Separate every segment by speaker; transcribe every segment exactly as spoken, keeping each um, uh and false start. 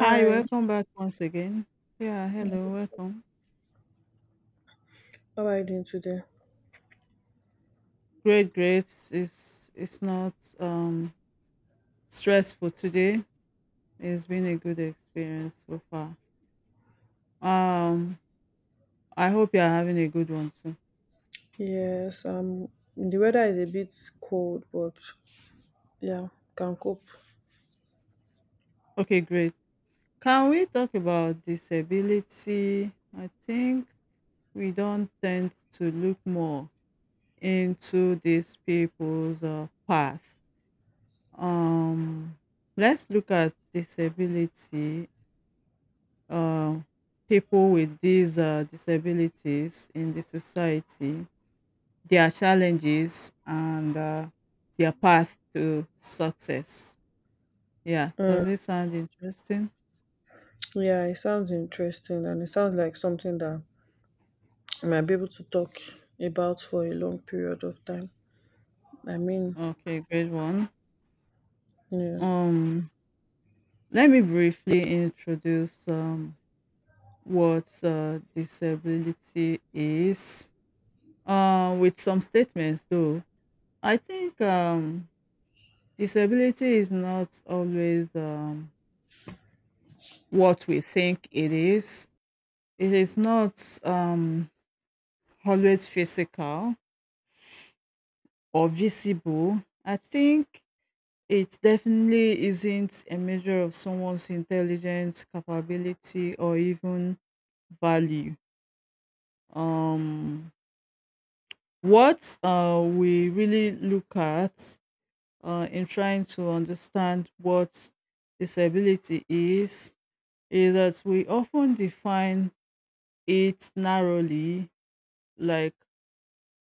Speaker 1: Hi, welcome back once again. Yeah, hello, welcome.
Speaker 2: how are you doing today?
Speaker 1: Great, great. It's it's not um stressful today. It's been a good experience so far. Um, I hope you are having a good one too.
Speaker 2: Yes, um, the weather is a bit cold, but yeah, can cope.
Speaker 1: Okay, great. Can we talk about disability? I think we don't tend to look more into these people's uh, path. Um, let's look at disability, uh, people with these uh, disabilities in the society, their challenges, and uh, their path to success. Yeah, does
Speaker 2: Mm,
Speaker 1: it sound interesting?
Speaker 2: yeah, it sounds interesting and it sounds like something that I might be able to talk about for a long period of time. I mean,
Speaker 1: Okay, great one.
Speaker 2: yes.
Speaker 1: Um, Let me briefly introduce um, what uh, disability is uh, with some statements, though. I think um, disability is not always um, what we think it is. It is not um, always physical or visible. I think it definitely isn't a measure of someone's intelligence, capability, or even value. Um, what uh, we really look at uh, in trying to understand what disability is, is that we often define it narrowly, like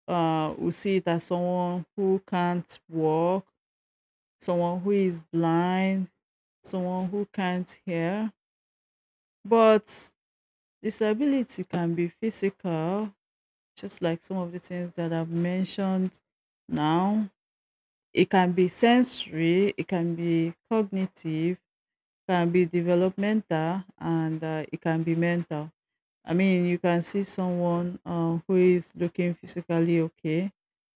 Speaker 1: uh, we see it as someone who can't walk, someone who is blind, someone who can't hear. But disability can be physical, just like some of the things that I've mentioned now. It can be sensory, it can be cognitive, can be developmental, and uh, it can be mental. I mean, you can see someone um, who is looking physically okay,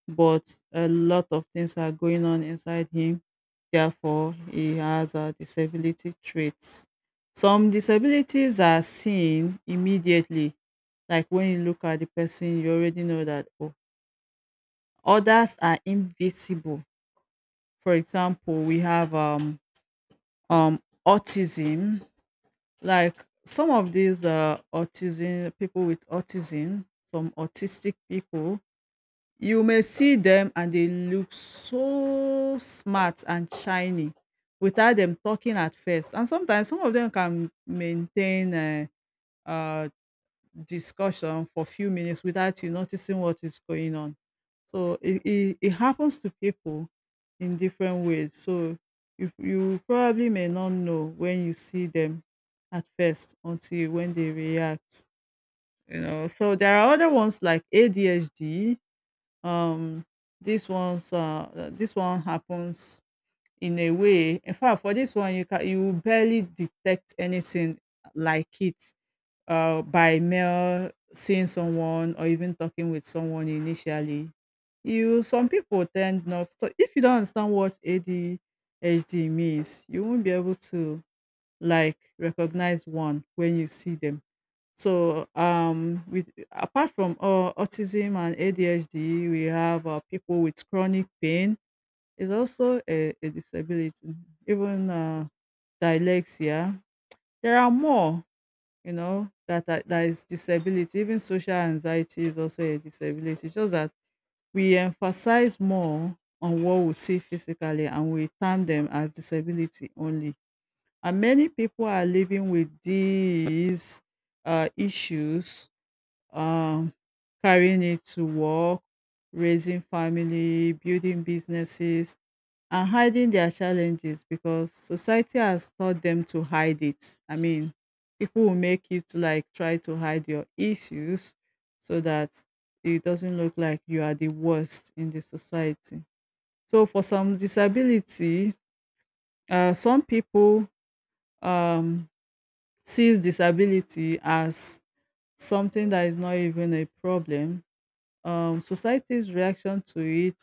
Speaker 1: but a lot of things are going on inside him. Therefore, he has uh, disability traits. Some disabilities are seen immediately, like when you look at the person, you already know that. Oh, others are invisible. For example, we have um, um, autism. Like some of these uh, autism people with autism some autistic people, you may see them and they look so smart and shiny without them talking at first, and sometimes some of them can maintain uh, uh, discussion for a few minutes without you noticing what is going on. So it, it, it happens to people in different ways. So you, you probably may not know when you see them at first until you- when they react. You know, so there are other ones like A D H D. Um, this one's uh, uh, this one happens in a way. In fact, for this one, you can you barely detect anything like it uh, by mail, seeing someone or even talking with someone initially. You Some people tend not so if you don't understand what A D H D means, you won't be able to like recognize one when you see them. So um with apart from uh, autism and A D H D, we have uh, people with chronic pain is also a, a disability, even uh, dyslexia. There are more, you know, that that that is disability. Even social anxiety is also a disability. It's just that we emphasize more on what we see physically and we term them as disability only. And many people are living with these uh, issues, um, carrying it to work, raising family, building businesses, and hiding their challenges because society has taught them to hide it. I mean, people will make you to like try to hide your issues so that it doesn't look like you are the worst in the society. So for some disability, uh, some people um, sees disability as something that is not even a problem. Um, society's reaction to it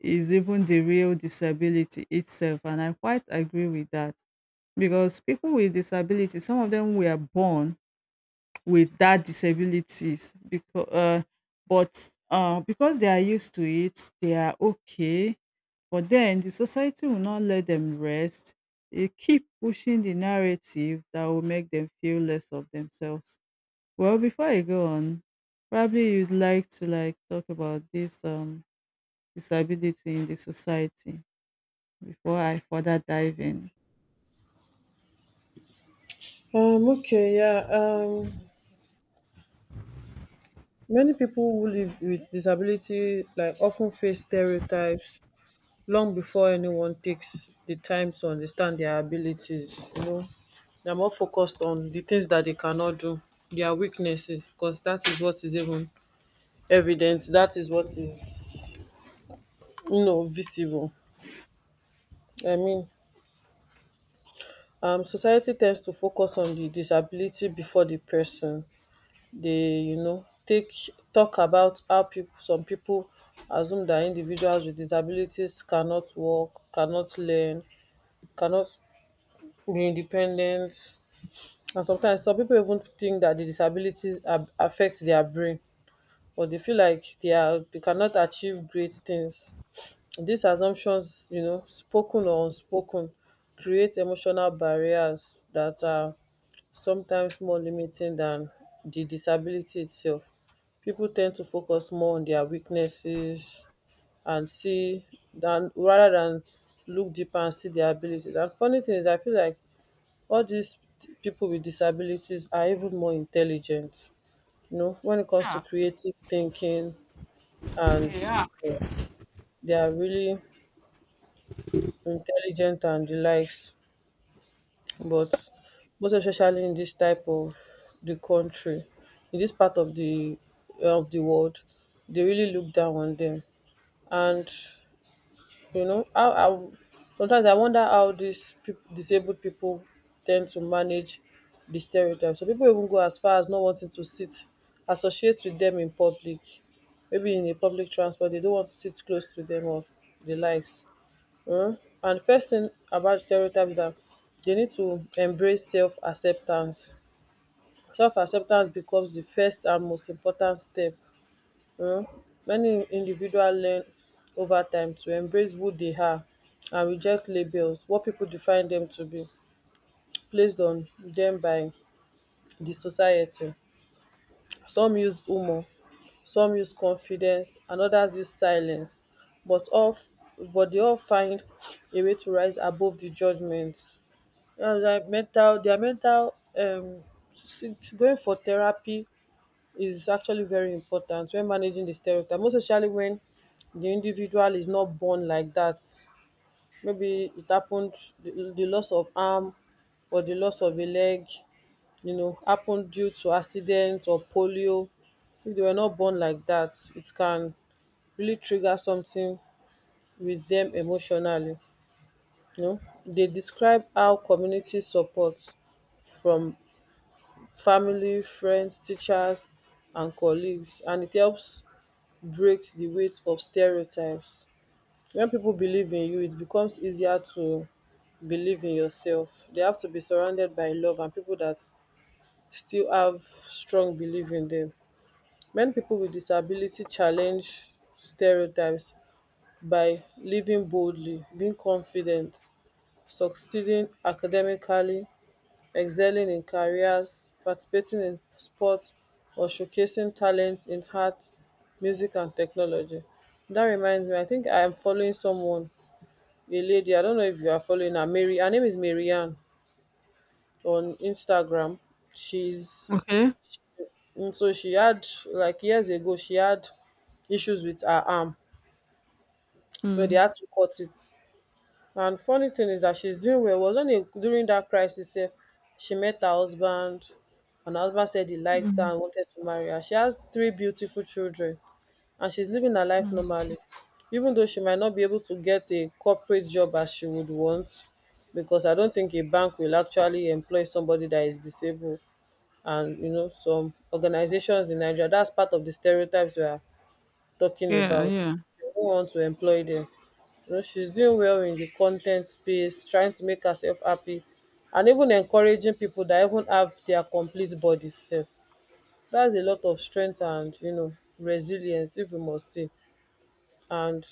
Speaker 1: is even the real disability itself, and I quite agree with that. Because people with disabilities, some of them were born with that disabilities. Because, um but um because they are used to it, they are okay. But then the society will not let them rest. They keep pushing the narrative that will make them feel less of themselves. Well, before I go on, probably you'd like to like talk about this um disability in the society before I further dive in?
Speaker 2: Um, okay, yeah, um, many people who live with disability like often face stereotypes long before anyone takes the time to understand their abilities. You know, they are more focused on the things that they cannot do, their weaknesses, because that is what is even evident, that is what is, you know, visible. I mean, um society tends to focus on the disability before the person. They you know take talk about how people, some people, assume that individuals with disabilities cannot work, cannot learn, cannot be independent. And sometimes some people even think that the disabilities ab- affect their brain, or they feel like they are they cannot achieve great things. These assumptions, you know, spoken or unspoken, create emotional barriers that are sometimes more limiting than the disability itself. People tend to focus more on their weaknesses and see than rather than look deeper and see their abilities. And funny thing is, I feel like all these people with disabilities are even more intelligent, you know, when it comes to
Speaker 1: Yeah,
Speaker 2: creative thinking and
Speaker 1: yeah.
Speaker 2: uh, they are really intelligent and the likes. But most especially in this type of the country, in this part of the of the world, they really look down on them. And you know, how how sometimes I wonder how these peop- disabled people tend to manage the stereotypes. So people even go as far as not wanting to sit, associate with them in public. Maybe in a public transport, they don't want to sit close to them or the likes. Mm. And first thing about stereotypes is that they need to embrace self acceptance. Self acceptance becomes the first and most important step. um many individuals learn ova time to embrace who dey are and reject labels what pipo define dem to be placed on dem by di society. Some use humour, some use confidence and odas use silence, but all, but dey all find a way to rise above di judgement. Mental, dia mental um s- going for therapy is actually very important when managing the stereotype, most especially when the individual is not born like that. Maybe it happened, the, the loss of arm or the loss of a leg, you know, happened due to accident or polio. If they were not born like that, it can really trigger something with them emotionally. You know, they describe how community support from family, friends, teachers, and colleagues, and it helps breaks the weight of stereotypes. When people believe in you, it becomes easier to believe in yourself. They have to be surrounded by love and people that still have strong belief in them. Many people with disability challenge stereotypes by living boldly, being confident, succeeding academically, excelling in careers, participating in sports, or showcasing talent in art, music and technology. That reminds me, I think I am following someone, a lady. I don't know if you are following her. Mary, her name is Marianne, on Instagram. She's,
Speaker 1: Okay.
Speaker 2: mm, so she had, like, years ago she had issues with her arm, so they
Speaker 1: Hmm.
Speaker 2: had to cut it. And funny thing is that she's doing well. Was on a during that crisis, eh, she met her husband, and her husband said he likes her
Speaker 1: Mhm,
Speaker 2: and wanted to marry her. She has three beautiful children, and she's living her life
Speaker 1: mm.
Speaker 2: normally, even though she might not be able to get a corporate job as she would want, because I don't think a bank will actually employ somebody that is disabled. And you know, some organizations in Nigeria, that's part of the stereotypes we are talking
Speaker 1: Yeah,
Speaker 2: about. She
Speaker 1: yeah.
Speaker 2: do not want to employ them. You know, she's doing well in the content space, trying to make herself happy, and even encouraging people that even have their complete bodies self. That's a lot of strength and, you know, resilience, if you must say. And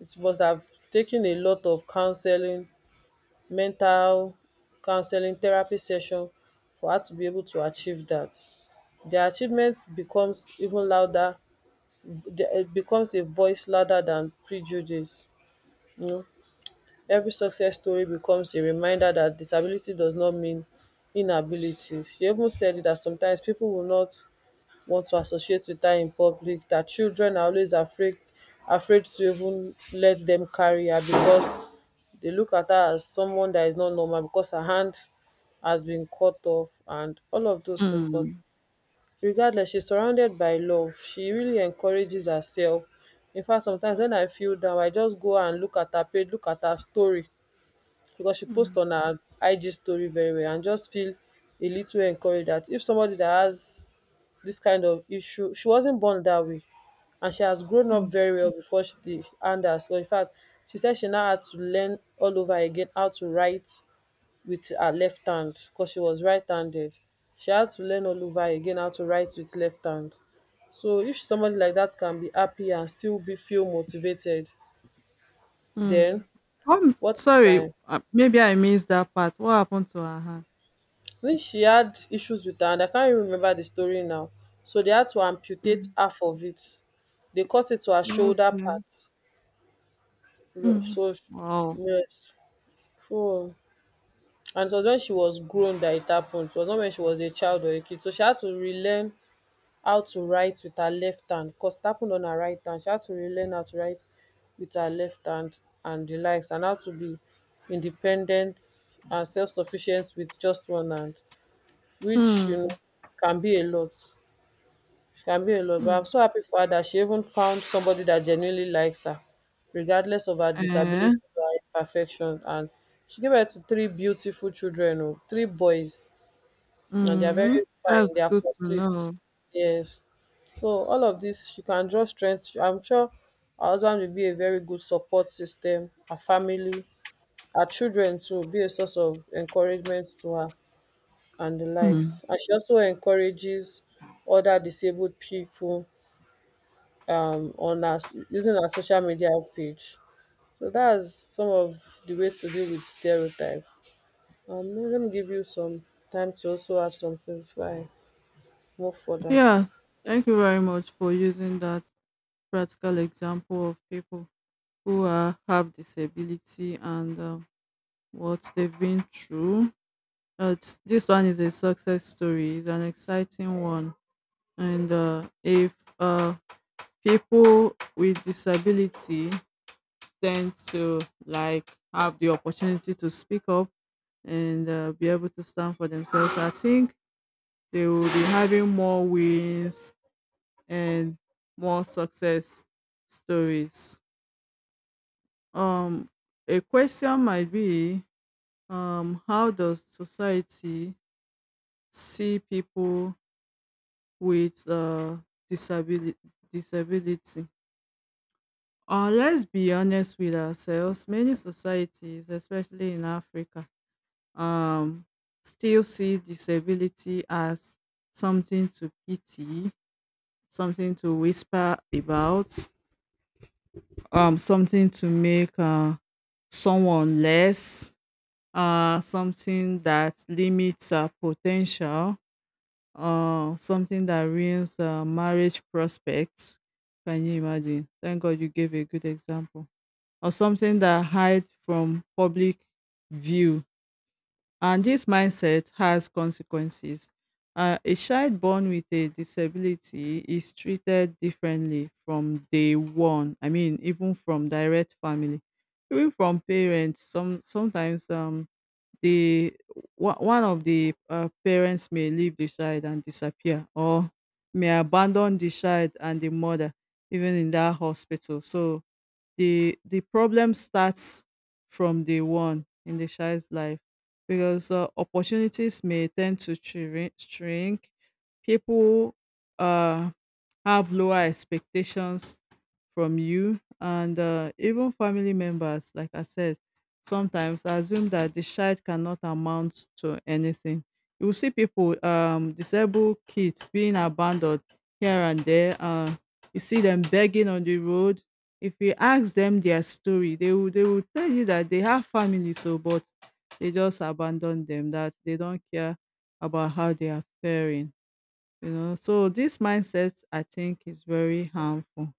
Speaker 2: it must have taken a lot of counseling, mental counseling, therapy session for her to be able to achieve that. Their achievement becomes even louder, v- it becomes a voice louder than prejudice. You know, every success story becomes a reminder that disability does not mean inability. She even said that sometimes people will not want to associate with her in public, that children are always afraid afraid to even let them carry her because they look at her as someone that is not normal because her hand has been cut off and all of those things. But
Speaker 1: Mm,
Speaker 2: regardless, she's surrounded by love. She really encourages herself. In fact, sometimes when I feel down, I just go and look at her page, look at her story, because she posts
Speaker 1: mm,
Speaker 2: on her IG story very well and just feel a little encouraged that if somebody that has this kind of issue, she wasn't born that way and she has grown up very well before she did and her, so in fact, she said she now had to learn all over again how to write with her left hand because she was right-handed. She had to learn all over again how to write with left hand. So if somebody like that can be happy and still be feel motivated,
Speaker 1: mm.
Speaker 2: then
Speaker 1: Um,
Speaker 2: what,
Speaker 1: sorry,
Speaker 2: my,
Speaker 1: uh, maybe I missed that part. What happened to her hand?
Speaker 2: I, she had issues with her hand. I can't even remember the story now. So they had to amputate
Speaker 1: Mm,
Speaker 2: half of it. They cut it to her shoulder
Speaker 1: okay.
Speaker 2: part. Ro-
Speaker 1: Mm.
Speaker 2: So
Speaker 1: Wow.
Speaker 2: yes. So, and it was when she was grown that it happened. It was not when she was a child or a kid. So she had to relearn how to write with her left hand, cos it happened on her right hand. She had to relearn how to write with her left hand and the likes, and how to be independent and self-sufficient with just one hand, which, you
Speaker 1: Mm,
Speaker 2: know, can be a lot. She Can be a lot. But I'm
Speaker 1: mm,
Speaker 2: so happy for her that she even found somebody that genuinely likes her, regardless of her
Speaker 1: eh,
Speaker 2: disability or her imperfection. And she gave birth to three beautiful children, oh, three boys, and they are
Speaker 1: mm,
Speaker 2: very
Speaker 1: that's
Speaker 2: fine. They are
Speaker 1: good to
Speaker 2: complete.
Speaker 1: know.
Speaker 2: Yes. So all of this, you can draw strength. I'm sure our husband will be a very good support system. Our family, our children to be a source of encouragement to her and the
Speaker 1: Mm.
Speaker 2: likes. And she also encourages other disabled people, um, on us using our social media page. So that's some of the ways to deal with stereotypes. Um, let me give you some time to also add some things before I move further.
Speaker 1: Yeah, thank you very much for using that practical example of people who are, have disability and um, what they've been through. Uh, this one is a success story. It's an exciting one. And uh, if uh, people with disability tend to like have the opportunity to speak up and uh, be able to stand for themselves, I think they will be having more wins and more success stories. um a question might be, um how does society see people with uh disability disability? Uh, let's be honest with ourselves. Many societies, especially in Africa, um, still see disability as something to pity, something to whisper about, um, something to make uh, someone less, uh, something that limits uh, potential, uh, something that ruins uh, marriage prospects. Can you imagine? Thank God you gave a good example. Or something that hide from public view. And this mindset has consequences. Uh, a child born with a disability is treated differently from day one. I mean, even from direct family, even from parents. Some sometimes um the one one of the uh, parents may leave the child and disappear, or may abandon the child and the mother even in that hospital. So the the problem starts from day one in the child's life because uh, opportunities may tend to shrink. shrink. People uh, have lower expectations from you, and uh, even family members, like I said, sometimes I assume that the child cannot amount to anything. You will see people, um disabled kids being abandoned here and there. Uh you see them begging on the road. If you ask them their story, they will they will tell you that they have family, so but they just abandon them, that they don't care about how they are faring. You know, so this mindset I think is very harmful.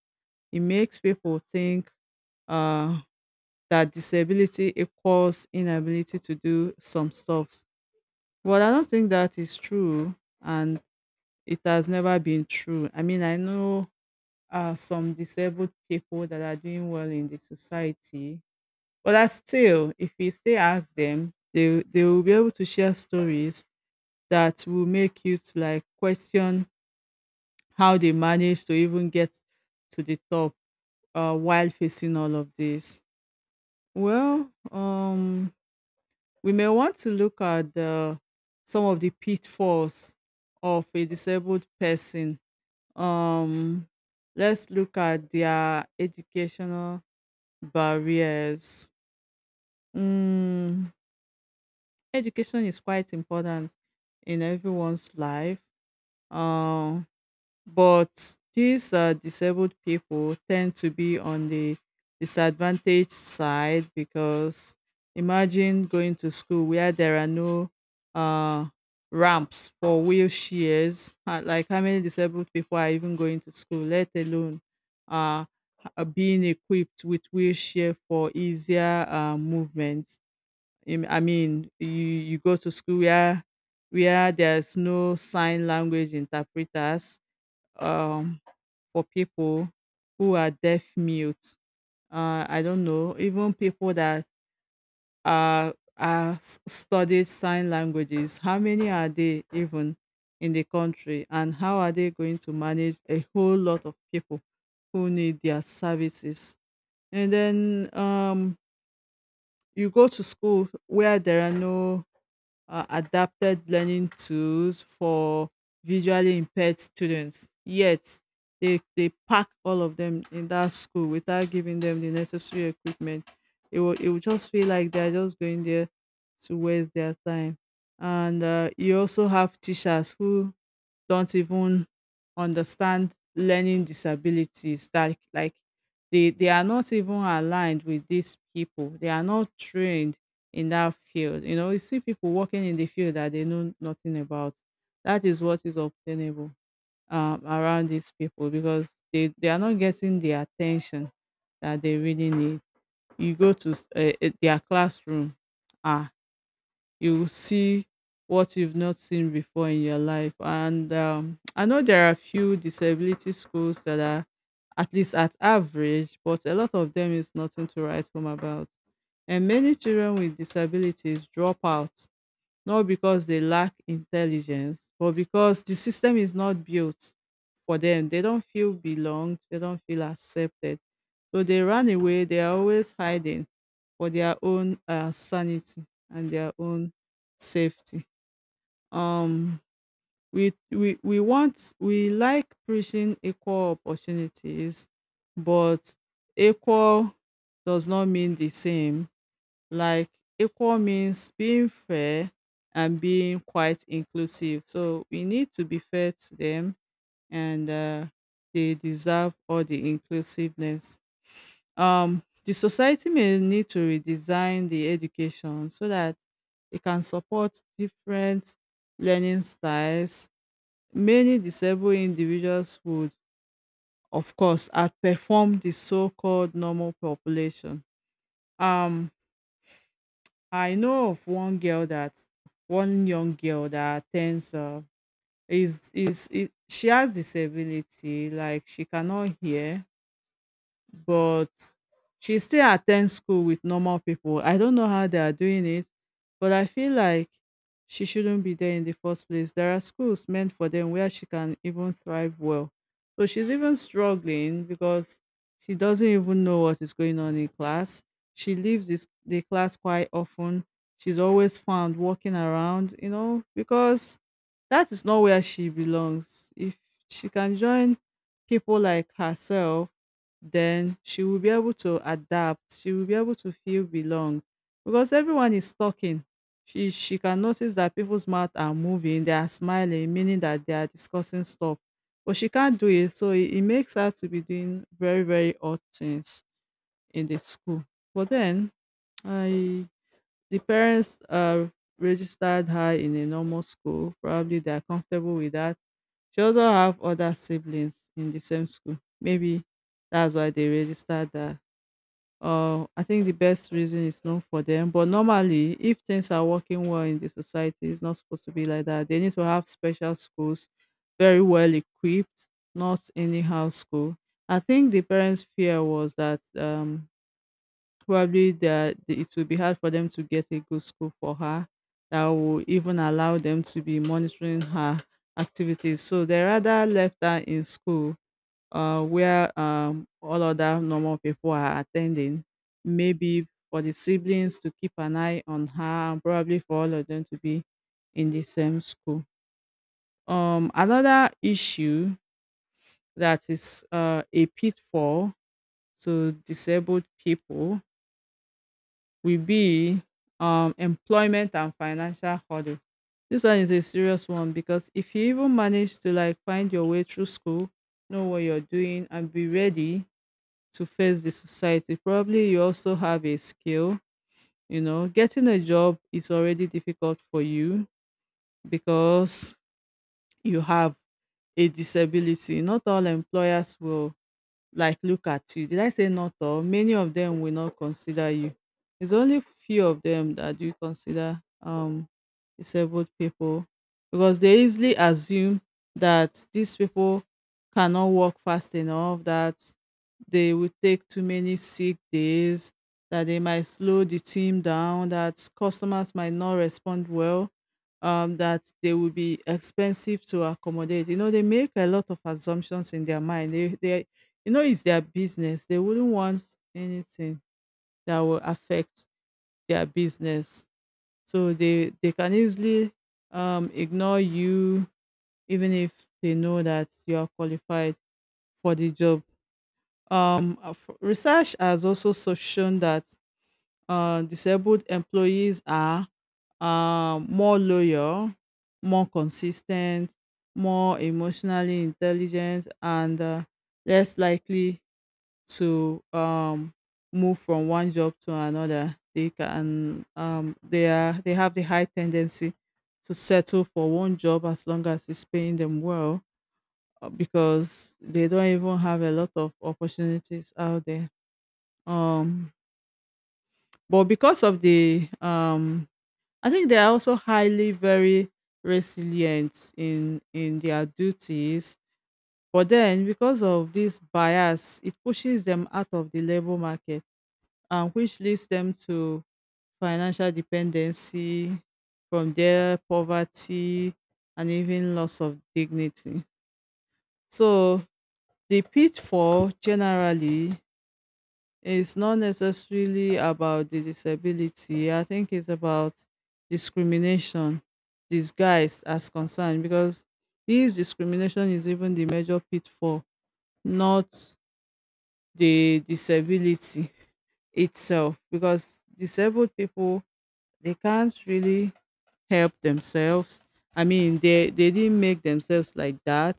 Speaker 1: It makes people think uh, that disability equals inability to do some stuff. But I don't think that is true, and it has never been true. I mean, I know uh, some disabled people that are doing well in the society, but I still, if you still ask them, they they will be able to share stories that will make you to like question how they manage to even get to the top uh, while facing all of this. Well, um, we may want to look at the, some of the pitfalls of a disabled person. Um, let's look at their educational barriers. Mm, education is quite important in everyone's life. Um, but these uh, disabled people tend to be on the disadvantaged side because imagine going to school where there are no uh, ramps for wheelchairs. Uh, like how many disabled people are even going to school, let alone uh, uh, being equipped with wheelchair for easier uh, movements. Im- I mean, you, you go to school where where there's no sign language interpreters, um, for people who are deaf mute. Uh, I don't know, even people that are, are s- studied sign languages, how many are they even in the country? And how are they going to manage a whole lot of people who need their services? And then um, you go to school where there are no uh, adapted learning tools for visually impaired students. Yet, they, they pack all of them in that school without giving them the necessary equipment. It will, it will just feel like they're just going there to waste their time. And uh, you also have teachers who don't even understand learning disabilities, that like they they are not even aligned with these people, they are not trained in that field. You know, you see people working in the field that they know nothing about. That is what is obtainable um, around these people because they, they are not getting the attention that they really need. You go to s- eh, eh, their classroom, ah, you will see what you've not seen before in your life. And um, I know there are few disability schools that are at least at average, but a lot of them is nothing to write home about. And many children with disabilities drop out not because they lack intelligence, but because the system is not built for them. They don't feel belonged, they don't feel accepted. So they run away, they are always hiding for their own uh, sanity and their own safety. Um we, we we want, we like preaching equal opportunities, but equal does not mean the same. Like equal means being fair and being quite inclusive. So we need to be fair to them, and uh, they deserve all the inclusiveness. Um, the society may need to redesign the education so that it can support different learning styles. Many disabled individuals would, of course, outperform the so called normal population. Um, I know of one girl that one young girl that attends, uh, is is it, she has disability, like she cannot hear, but she still attends school with normal people. I don't know how they are doing it, but I feel like she shouldn't be there in the first place. There are schools meant for them where she can even thrive well. So she's even struggling because she doesn't even know what is going on in class. She leaves this, the class quite often. She's always found walking around, you know, because that is not where she belongs. If she can join people like herself, then she will be able to adapt. She will be able to feel belong because everyone is talking. She she can notice that people's mouth are moving, they are smiling, meaning that they are discussing stuff. But she can't do it, so it, it makes her to be doing very very odd things in the school. But then I the parents uh registered her in a normal school. Probably they are comfortable with that. She also have other siblings in the same school. Maybe that's why they registered her. Uh, I think the best reason is known for them. But normally, if things are working well in the society, it's not supposed to be like that. They need to have special schools, very well equipped, not anyhow school. I think the parents' fear was that um, probably that it will be hard for them to get a good school for her that will even allow them to be monitoring her activities. So they rather left her in school uh, where um, all other normal people are attending. Maybe for the siblings to keep an eye on her, and probably for all of them to be in the same school. Um, another issue that is uh, a pitfall to disabled people will be um, employment and financial hurdle. This one is a serious one because if you even manage to like find your way through school, know what you're doing, and be ready to face the society. Probably you also have a skill. You know, getting a job is already difficult for you because you have a disability. Not all employers will like look at you. Did I say not all? Many of them will not consider you. It's only few of them that you consider um disabled people because they easily assume that these people cannot work fast enough, that they will take too many sick days, that they might slow the team down, that customers might not respond well, um, that they will be expensive to accommodate. You know, they make a lot of assumptions in their mind. They, they you know, it's their business. They wouldn't want anything that will affect their business. So they they can easily um ignore you even if they know that you are qualified for the job. Um uh, f- research has also so- shown that uh, disabled employees are um more loyal, more consistent, more emotionally intelligent and uh, less likely to um move from one job to another. They can um they are they have the high tendency to settle for one job as long as it's paying them well, uh, because they don't even have a lot of opportunities out there. um but because of the um I think they are also highly very resilient in in their duties. But then because of this bias it pushes them out of the labor market and which leads them to financial dependency, from there, poverty, and even loss of dignity. So, the pitfall generally is not necessarily about the disability. I think it's about discrimination disguised as concern, because this discrimination is even the major pitfall, not the disability itself, because disabled people they can't really help themselves. I mean, they they didn't make themselves like that.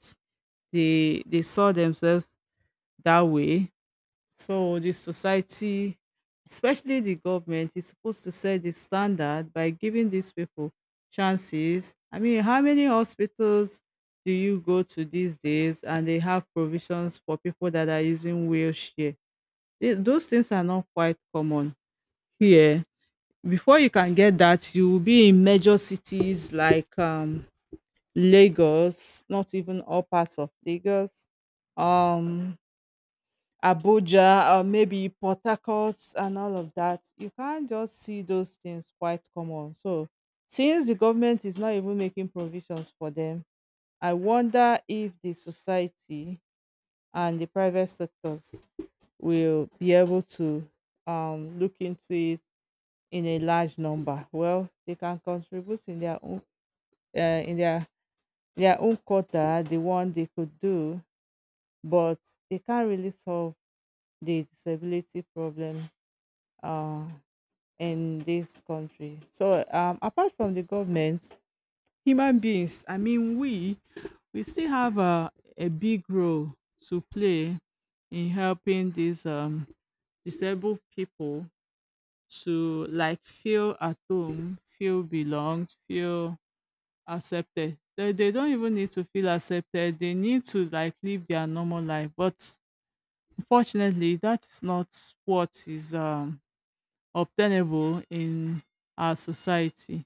Speaker 1: They they saw themselves that way. So the society, especially the government, is supposed to set the standard by giving these people chances. I mean, how many hospitals do you go to these days and they have provisions for people that are using wheelchair? Th- Those things are not quite common here. Before you can get that, you will be in major cities like um, Lagos, not even all parts of Lagos, um, Abuja, or maybe Port Harcourt, and all of that. You can't just see those things quite common. So, since the government is not even making provisions for them, I wonder if the society and the private sectors will be able to um, look into it in a large number. Well, they can contribute in their own uh, in their their own quota, the one they could do, but they can't really solve the disability problem, uh, in this country. So, um, apart from the government, human beings, I mean, we we still have a, a big role to play in helping these um, disabled people to like feel at home, feel belonged, feel accepted. They they don't even need to feel accepted. They need to like live their normal life. But unfortunately, that is not what is um obtainable in our society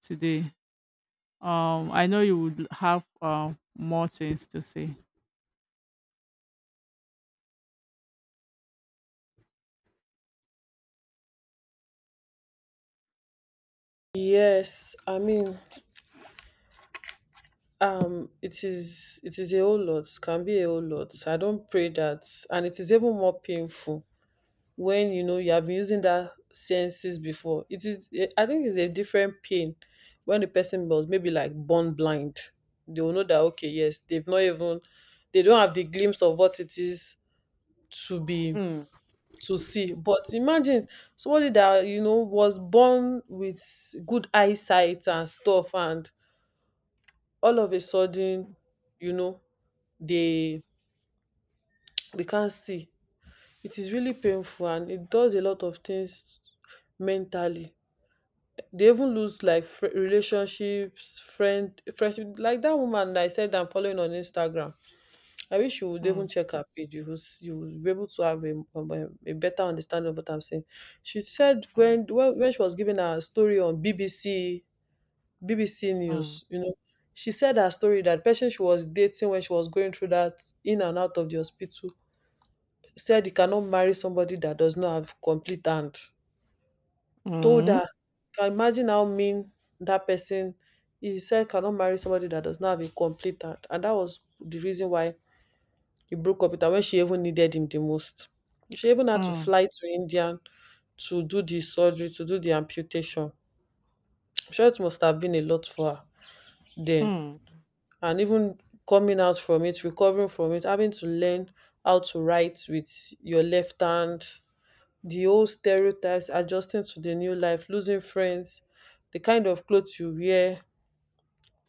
Speaker 1: today. Um, I know you would have uh, more things to say.
Speaker 2: Yes, I mean, um, it is it is a whole lot, can be a whole lot. I don't pray that, and it is even more painful when you know you have been using that senses before. It is, eh, I think, it's a different pain when the person was maybe like born blind. They will know that okay, yes, they've not even, they don't have the glimpse of what it is to be
Speaker 1: Mm,
Speaker 2: to see. But imagine somebody that you know was born with good eyesight and stuff and all of a sudden, you know, they they can't see. It is really painful and it does a lot of things mentally. They even lose like fr- relationships, friend, friendship. Like that woman that I said I'm following on Instagram. I wish you would
Speaker 1: mm,
Speaker 2: even check her page. You would, you would be able to have a, um, um, a better understanding of what I'm saying. She said
Speaker 1: mm,
Speaker 2: when when, when she was giving her story on B B C, BBC
Speaker 1: mm,
Speaker 2: news, you know, she said her story, that person she was dating, when she was going through that in and out of the hospital, said you cannot marry somebody that does not have complete hand. Told
Speaker 1: mm,
Speaker 2: her, can imagine how mean that person. He said cannot marry somebody that does not have a complete hand, and that was the reason why he broke up with her when she even needed him the most. She even had to
Speaker 1: mm,
Speaker 2: fly to India to do the surgery, to do the amputation. I'm sure it must have been a lot for her den.
Speaker 1: mm.
Speaker 2: And even coming out from it, recovering from it, having to learn how to write with your left hand, the old stereotypes, adjusting to the new life, losing friends, the kind of clothes you wear,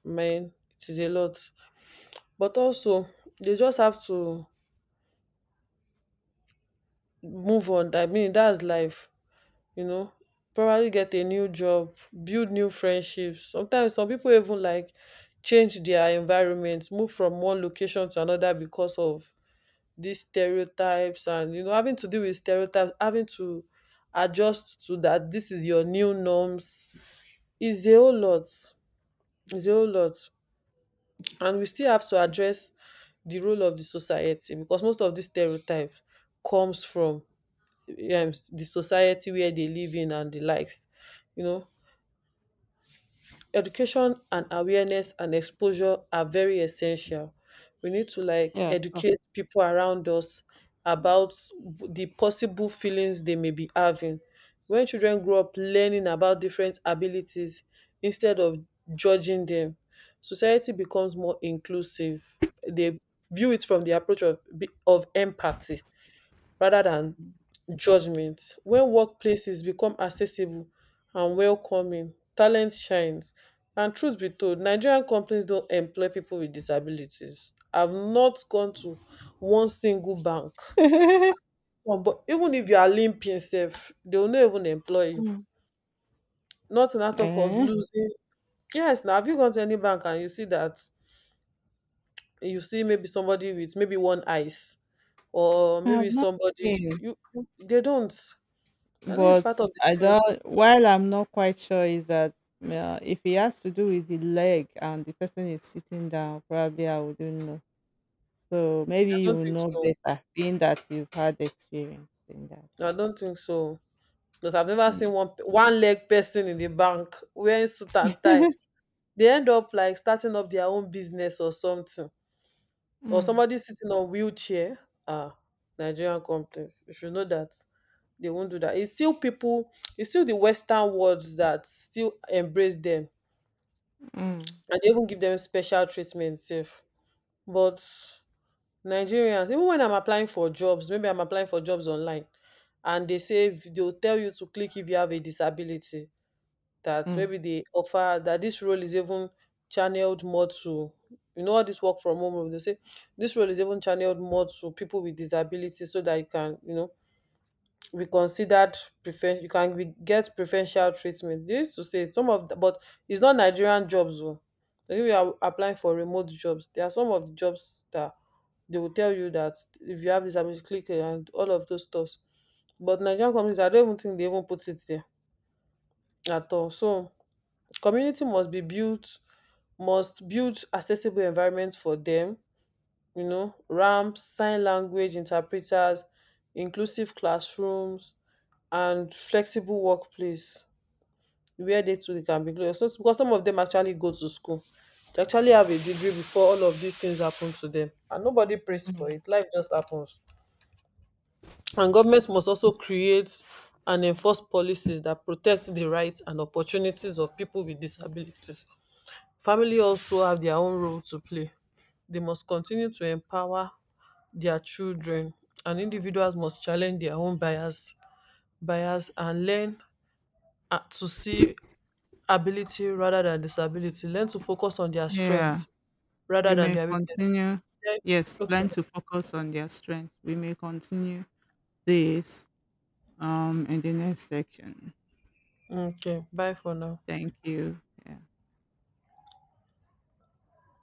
Speaker 2: man, it is a lot. But also, they just have to move on. I mean, that's life, you know. Probably get a new job, build new friendships. Sometimes some people even like change their environment, move from one location to another because of these stereotypes, and you know, having to deal with stereotypes, having to adjust to that, this is your new norms, is a whole lot. is a whole lot and we still have to address the role of the society, because most of these stereotypes comes from, um, the society where they live in and the likes. You know, education and awareness and exposure are very essential. We need to like
Speaker 1: Yeah, sure.
Speaker 2: educate people around us about the possible feelings they may be having. When children grow up learning about different abilities instead of judging them, society becomes more inclusive. They view it from the approach of of empathy rather than judgment. When workplaces become accessible and welcoming, talent shines. And truth be told, Nigerian companies don't employ people with disabilities. I've not gone to one single bank. Oh, but even if you are limping self, they will not even employ you.
Speaker 1: Mm.
Speaker 2: Not in that talk of
Speaker 1: Eh,
Speaker 2: losing. Yes, now have you gone to any bank and you see that you see maybe somebody with maybe one eyes or
Speaker 1: I
Speaker 2: maybe
Speaker 1: have not
Speaker 2: somebody,
Speaker 1: seen.
Speaker 2: you you- they don't. And this is part
Speaker 1: But
Speaker 2: of the
Speaker 1: I
Speaker 2: stereo-.
Speaker 1: don't. While I'm not quite sure is that, uh, if it has to do with the leg and the person is sitting down, probably I wouldn't know. So maybe
Speaker 2: I
Speaker 1: you
Speaker 2: don't
Speaker 1: will
Speaker 2: think
Speaker 1: know
Speaker 2: so.
Speaker 1: better, being that you've had experience in that.
Speaker 2: I don't think so. Because I've never
Speaker 1: Mm,
Speaker 2: seen one one leg person in the bank wearing suit and tie. They end up like starting up their own business or something. Or
Speaker 1: mm,
Speaker 2: somebody sitting on wheelchair. Ah, Nigerian companies. You should know that. They won't do that. It's still people, it's still the Western world that still embrace them,
Speaker 1: mm,
Speaker 2: and they even give them special treatment safe. But Nigerians, even when I'm applying for jobs, maybe I'm applying for jobs online, and they say they'll tell you to click if you have a disability, that
Speaker 1: mm,
Speaker 2: maybe they offer that this role is even channeled more to, you know, all this work from home, they say this role is even channeled more to people with disabilities so that you can, you know, be considered, prefer you can be get preferential treatment. They used to say it, some of the, but it's not Nigerian jobs. Oh, if you are applying for remote jobs. There are some of the jobs that they will tell you that if you have disability, click here and all of those stuffs. But Nigerian companies, I don't even think they even put it there at all. So community must be built, must build accessible environments for them, you know, ramps, sign language interpreters, inclusive classrooms, and flexible workplace where they too they can be glorious. So, because some of them actually go to school. They actually have a degree before all of these things happen to them. And nobody prays for
Speaker 1: mm.
Speaker 2: it. Life just happens. And government must also create and enforce policies that protect the rights and opportunities of people with disabilities. Family also have their own role to play. They must continue to empower their children, and individuals must challenge their own bias bias and learn, uh, to see ability rather than disability, learn to focus on their
Speaker 1: Yeah,
Speaker 2: strengths rather
Speaker 1: we
Speaker 2: than
Speaker 1: may
Speaker 2: their weakness.
Speaker 1: continue. Yes,
Speaker 2: Learn-, okay,
Speaker 1: learn to focus on their strength. We may continue this um in the next section.
Speaker 2: okay, bye for now.
Speaker 1: Thank you. Yeah.